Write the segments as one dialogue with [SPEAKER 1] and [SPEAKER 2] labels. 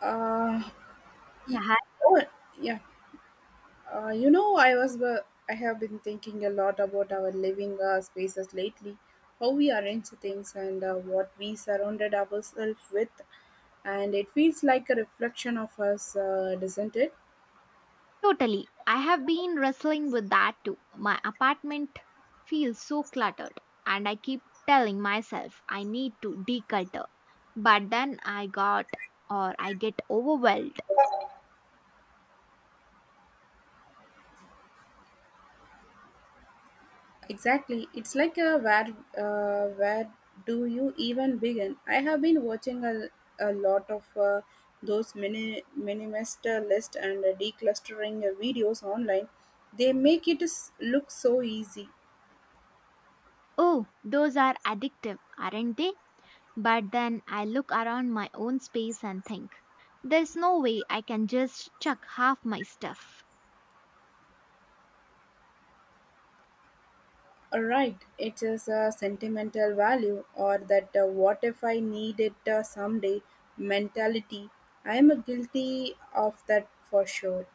[SPEAKER 1] Uh,
[SPEAKER 2] Yeah,
[SPEAKER 1] oh, yeah. Uh, you know, I was uh, I have been thinking a lot about our living spaces lately, how we arrange things and what we surrounded ourselves with, and it feels like a reflection of us, doesn't it?
[SPEAKER 2] totally. I have been wrestling with that too. My apartment feels so cluttered, and I keep telling myself I need to declutter. But then I got or I get overwhelmed.
[SPEAKER 1] Exactly. It's like a where do you even begin? I have been watching a lot of those mini minimist list and declustering videos online. They make it look so easy.
[SPEAKER 2] Oh, those are addictive, aren't they? But then I look around my own space and think, there's no way I can just chuck half my stuff.
[SPEAKER 1] All right, it is a sentimental value or that what if I need it someday mentality. I am guilty of that for sure.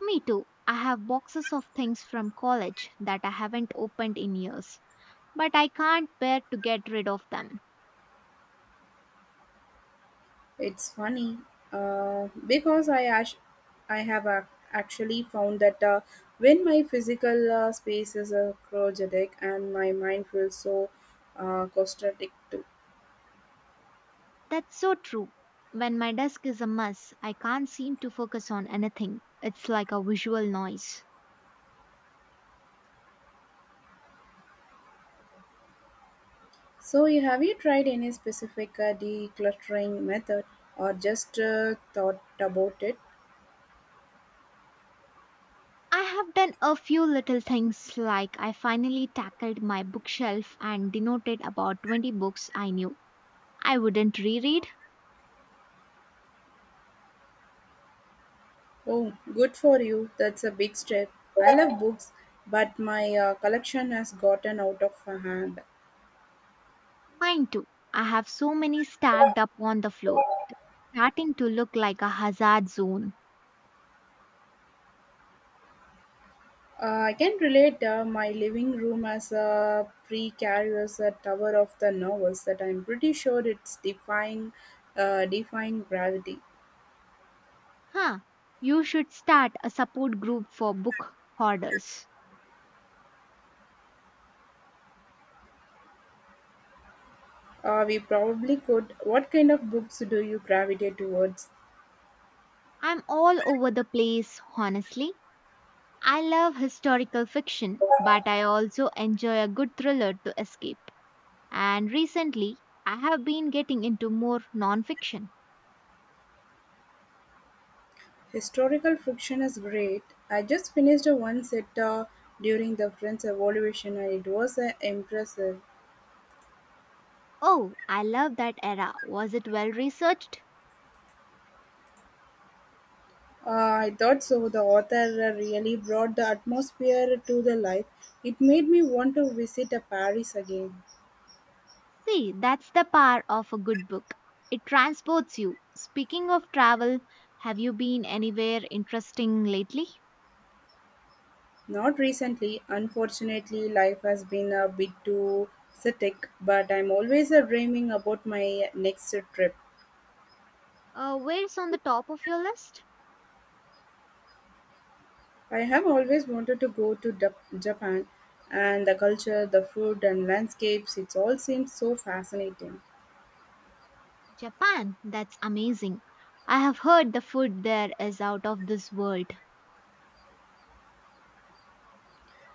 [SPEAKER 2] Me too. I have boxes of things from college that I haven't opened in years. But I can't bear to get rid of them.
[SPEAKER 1] It's funny because I have ac actually found that when my physical space is crowded and my mind feels so claustrophobic too.
[SPEAKER 2] That's so true. When my desk is a mess, I can't seem to focus on anything. It's like a visual noise.
[SPEAKER 1] So, have you tried any specific decluttering method or just thought about it?
[SPEAKER 2] I have done a few little things. Like, I finally tackled my bookshelf and denoted about 20 books I knew I wouldn't reread.
[SPEAKER 1] Oh, good for you. That's a big step. I love books, but my collection has gotten out of hand.
[SPEAKER 2] Mine too. I have so many stacked up on the floor, starting to look like a hazard zone.
[SPEAKER 1] I can relate my living room as a precarious tower of the novels that I'm pretty sure it's defying gravity.
[SPEAKER 2] Huh, you should start a support group for book hoarders.
[SPEAKER 1] We probably could. What kind of books do you gravitate towards?
[SPEAKER 2] I'm all over the place, honestly. I love historical fiction, but I also enjoy a good thriller to escape. And recently, I have been getting into more nonfiction.
[SPEAKER 1] Historical fiction is great. I just finished one set during the French Revolution and it was impressive.
[SPEAKER 2] Oh, I love that era. Was it well researched?
[SPEAKER 1] I thought so. The author really brought the atmosphere to the life. It made me want to visit Paris again.
[SPEAKER 2] See, that's the power of a good book. It transports you. Speaking of travel, have you been anywhere interesting lately?
[SPEAKER 1] Not recently, unfortunately, life has been a bit too hectic, but I'm always dreaming about my next trip.
[SPEAKER 2] Where's on the top of your list?
[SPEAKER 1] I have always wanted to go to Japan, and the culture, the food, and landscapes, it all seems so fascinating.
[SPEAKER 2] Japan, that's amazing. I have heard the food there is out of this world.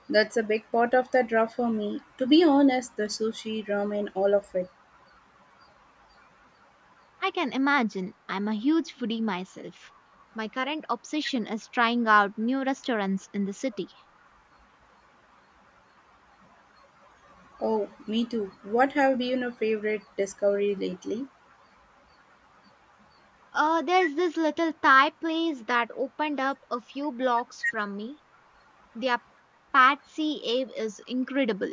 [SPEAKER 1] That's a big part of the draw for me. To be honest, the sushi, ramen, all of it.
[SPEAKER 2] I can imagine. I'm a huge foodie myself. My current obsession is trying out new restaurants in the city.
[SPEAKER 1] Oh, me too. What have been your favorite discovery lately?
[SPEAKER 2] There's this little Thai place that opened up a few blocks from me. Their Pad See Ave is incredible.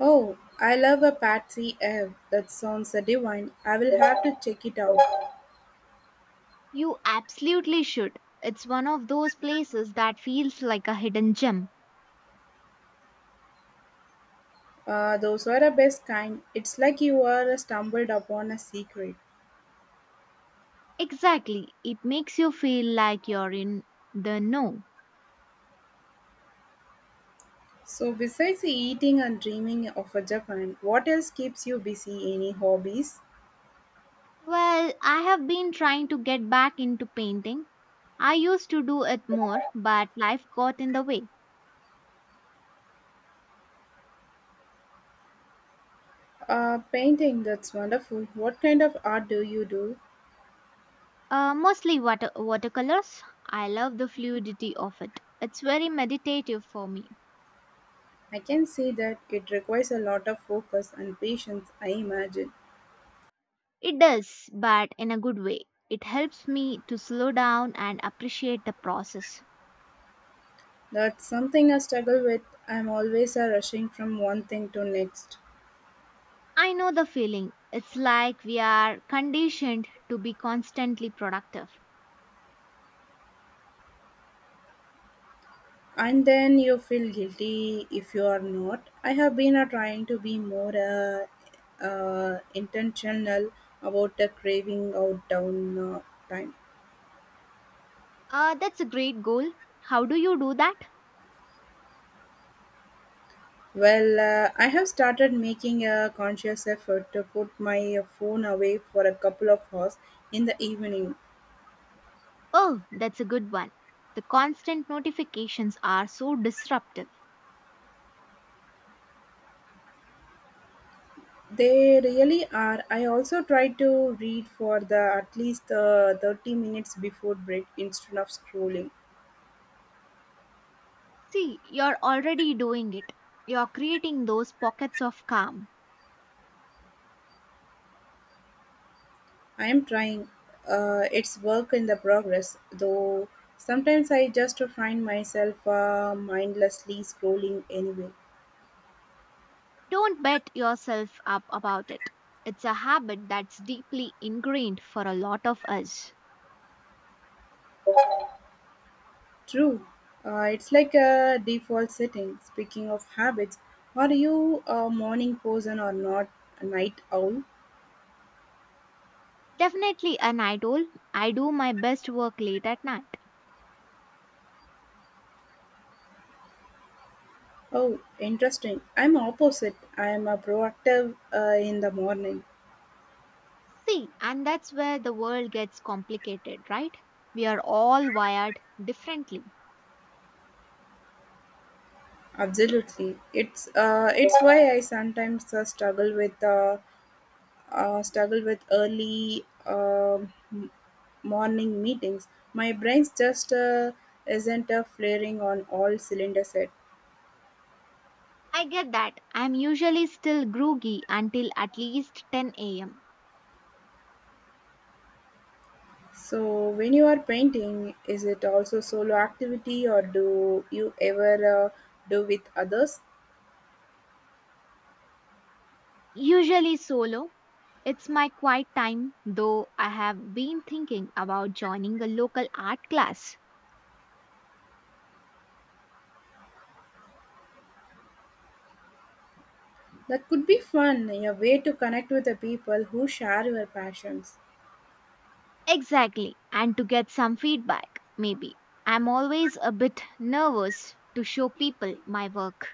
[SPEAKER 1] Oh, I love a Patsy Ev. That sounds divine. I will have to check it out.
[SPEAKER 2] You absolutely should. It's one of those places that feels like a hidden gem.
[SPEAKER 1] Those are the best kind. It's like you are stumbled upon a secret.
[SPEAKER 2] Exactly. It makes you feel like you're in the know.
[SPEAKER 1] So, besides eating and dreaming of a Japan, what else keeps you busy? Any hobbies?
[SPEAKER 2] Well, I have been trying to get back into painting. I used to do it more, but life got in the way.
[SPEAKER 1] Painting, that's wonderful. What kind of art do you do?
[SPEAKER 2] Mostly watercolors. I love the fluidity of it. It's very meditative for me.
[SPEAKER 1] I can see that it requires a lot of focus and patience, I imagine.
[SPEAKER 2] It does, but in a good way. It helps me to slow down and appreciate the process.
[SPEAKER 1] That's something I struggle with. I'm always rushing from one thing to next.
[SPEAKER 2] I know the feeling. It's like we are conditioned to be constantly productive.
[SPEAKER 1] And then you feel guilty if you are not. I have been trying to be more intentional about the craving out down time.
[SPEAKER 2] That's a great goal. How do you do that?
[SPEAKER 1] Well, I have started making a conscious effort to put my phone away for a couple of hours in the evening.
[SPEAKER 2] Oh, that's a good one. The constant notifications are so disruptive.
[SPEAKER 1] They really are. I also try to read for the at least 30 minutes before bed instead of scrolling.
[SPEAKER 2] See, you're already doing it. You're creating those pockets of calm.
[SPEAKER 1] I am trying. It's work in the progress, though sometimes I just find myself mindlessly scrolling anyway.
[SPEAKER 2] Don't beat yourself up about it. It's a habit that's deeply ingrained for a lot of us.
[SPEAKER 1] True. It's like a default setting. Speaking of habits, are you a morning person or not a night owl?
[SPEAKER 2] Definitely a night owl. I do my best work late at night.
[SPEAKER 1] Oh, interesting. I'm opposite. I am a proactive in the morning.
[SPEAKER 2] See, and that's where the world gets complicated, right? We are all wired differently.
[SPEAKER 1] Absolutely. It's why I sometimes struggle with early morning meetings. My brain's just isn't flaring on all cylinder set.
[SPEAKER 2] I get that. I'm usually still groggy until at least 10 am.
[SPEAKER 1] So, when you are painting, is it also solo activity or do you ever do with others?
[SPEAKER 2] Usually solo. It's my quiet time, though I have been thinking about joining a local art class.
[SPEAKER 1] That could be fun, a way to connect with the people who share your passions.
[SPEAKER 2] Exactly, and to get some feedback, maybe. I'm always a bit nervous to show people my work.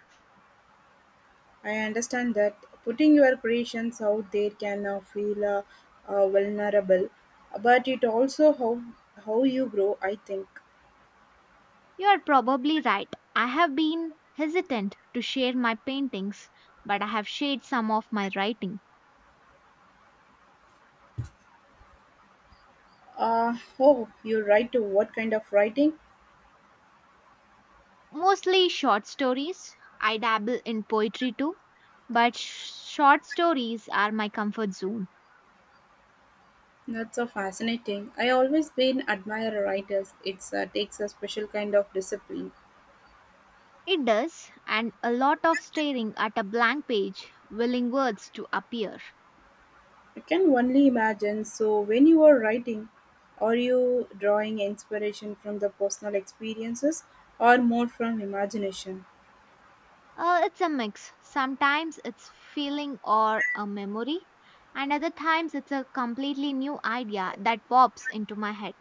[SPEAKER 1] I understand that putting your creations out there can feel vulnerable, but it also how you grow, I think.
[SPEAKER 2] You're probably right. I have been hesitant to share my paintings, but I have shared some of my writing.
[SPEAKER 1] Oh, you write to what kind of writing?
[SPEAKER 2] Mostly short stories. I dabble in poetry too, but short stories are my comfort zone.
[SPEAKER 1] That's so fascinating. I always been admire writers. It's takes a special kind of discipline.
[SPEAKER 2] It does, and a lot of staring at a blank page, willing words to appear.
[SPEAKER 1] I can only imagine. So when you are writing, are you drawing inspiration from the personal experiences or more from imagination?
[SPEAKER 2] It's a mix. Sometimes it's feeling or a memory, and other times it's a completely new idea that pops into my head.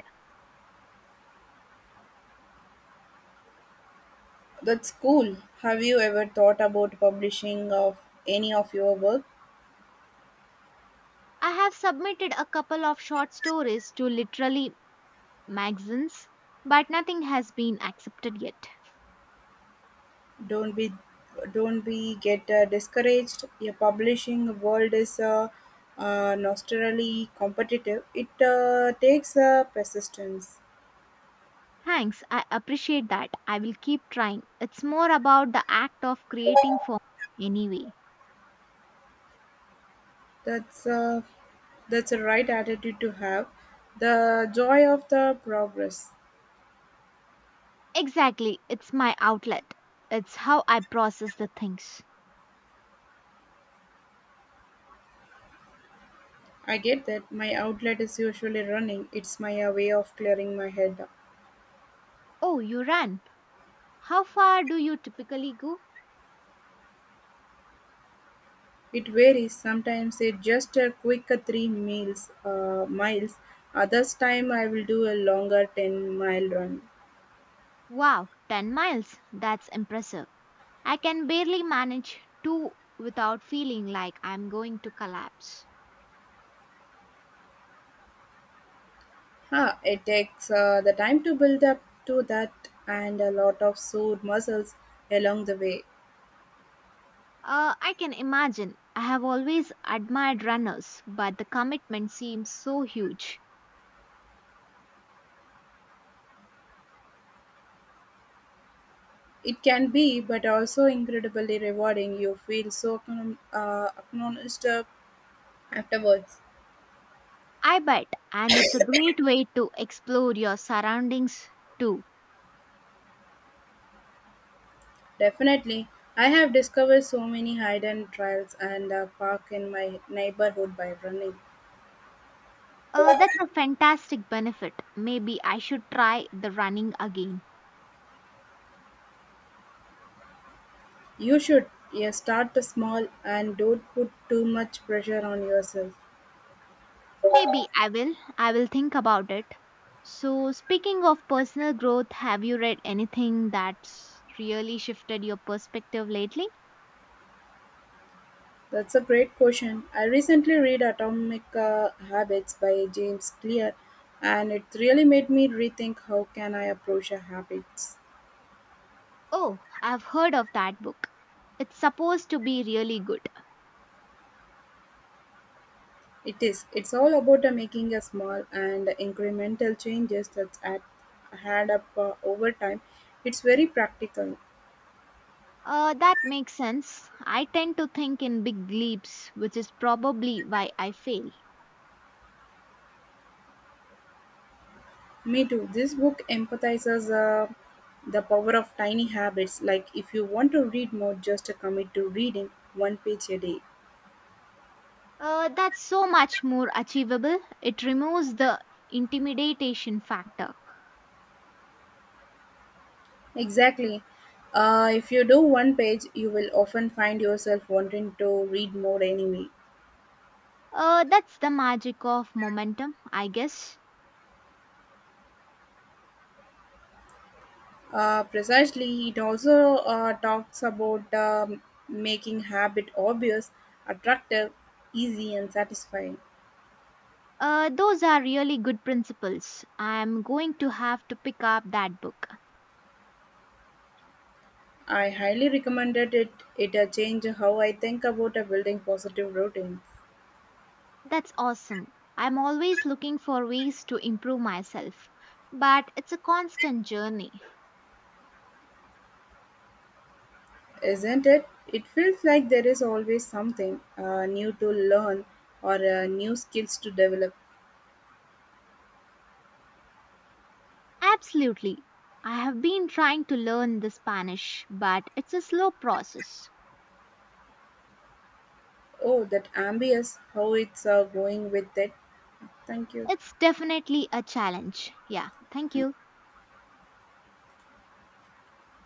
[SPEAKER 1] That's cool. Have you ever thought about publishing of any of your work?
[SPEAKER 2] I have submitted a couple of short stories to literally magazines, but nothing has been accepted yet.
[SPEAKER 1] Don't be don't be get discouraged. Your publishing world is nostrily competitive. It takes persistence.
[SPEAKER 2] Thanks, I appreciate that. I will keep trying. It's more about the act of creating for me anyway.
[SPEAKER 1] That's uh, that's a right attitude to have. The joy of the progress.
[SPEAKER 2] Exactly, it's my outlet. It's how I process the things.
[SPEAKER 1] I get that my outlet is usually running. It's my way of clearing my head.
[SPEAKER 2] Oh, you run. How far do you typically go?
[SPEAKER 1] It varies, sometimes it's just a quick three miles. Others time I will do a longer 10-mile run.
[SPEAKER 2] Wow, 10 miles. That's impressive. I can barely manage two without feeling like I'm going to collapse.
[SPEAKER 1] Huh, it takes the time to build up to that and a lot of sore muscles along the way.
[SPEAKER 2] I can imagine. I have always admired runners, but the commitment seems so huge.
[SPEAKER 1] It can be, but also incredibly rewarding. You feel so acknowledged afterwards.
[SPEAKER 2] I bet, and it's a great way to explore your surroundings too.
[SPEAKER 1] Definitely, I have discovered so many hidden trails and park in my neighborhood by running.
[SPEAKER 2] That's a fantastic benefit. Maybe I should try the running again.
[SPEAKER 1] You should. Yeah, start small and don't put too much pressure on yourself.
[SPEAKER 2] Maybe I will. I will think about it. So, speaking of personal growth, have you read anything that's really shifted your perspective lately?
[SPEAKER 1] That's a great question. I recently read Atomic Habits by James Clear and it really made me rethink how can I approach a habits.
[SPEAKER 2] Oh, I've heard of that book. It's supposed to be really good.
[SPEAKER 1] It is. It's all about making a small and incremental changes that add up over time. It's very practical.
[SPEAKER 2] That makes sense. I tend to think in big leaps, which is probably why I fail.
[SPEAKER 1] Me too. This book empathizes the power of tiny habits. Like, if you want to read more, just commit to reading one page a day.
[SPEAKER 2] That's so much more achievable. It removes the intimidation factor.
[SPEAKER 1] Exactly. If you do one page, you will often find yourself wanting to read more anyway.
[SPEAKER 2] That's the magic of momentum, I guess.
[SPEAKER 1] Precisely, it also talks about making habit obvious, attractive, easy, and satisfying.
[SPEAKER 2] Those are really good principles. I'm going to have to pick up that book.
[SPEAKER 1] I highly recommended it. It changed how I think about building positive routine.
[SPEAKER 2] That's awesome. I'm always looking for ways to improve myself, but it's a constant journey.
[SPEAKER 1] Isn't it? It feels like there is always something new to learn or new skills to develop.
[SPEAKER 2] Absolutely. I have been trying to learn the Spanish, but it's a slow process.
[SPEAKER 1] Oh, that ambience, how it's going with it. Thank you.
[SPEAKER 2] It's definitely a challenge. Yeah, thank you.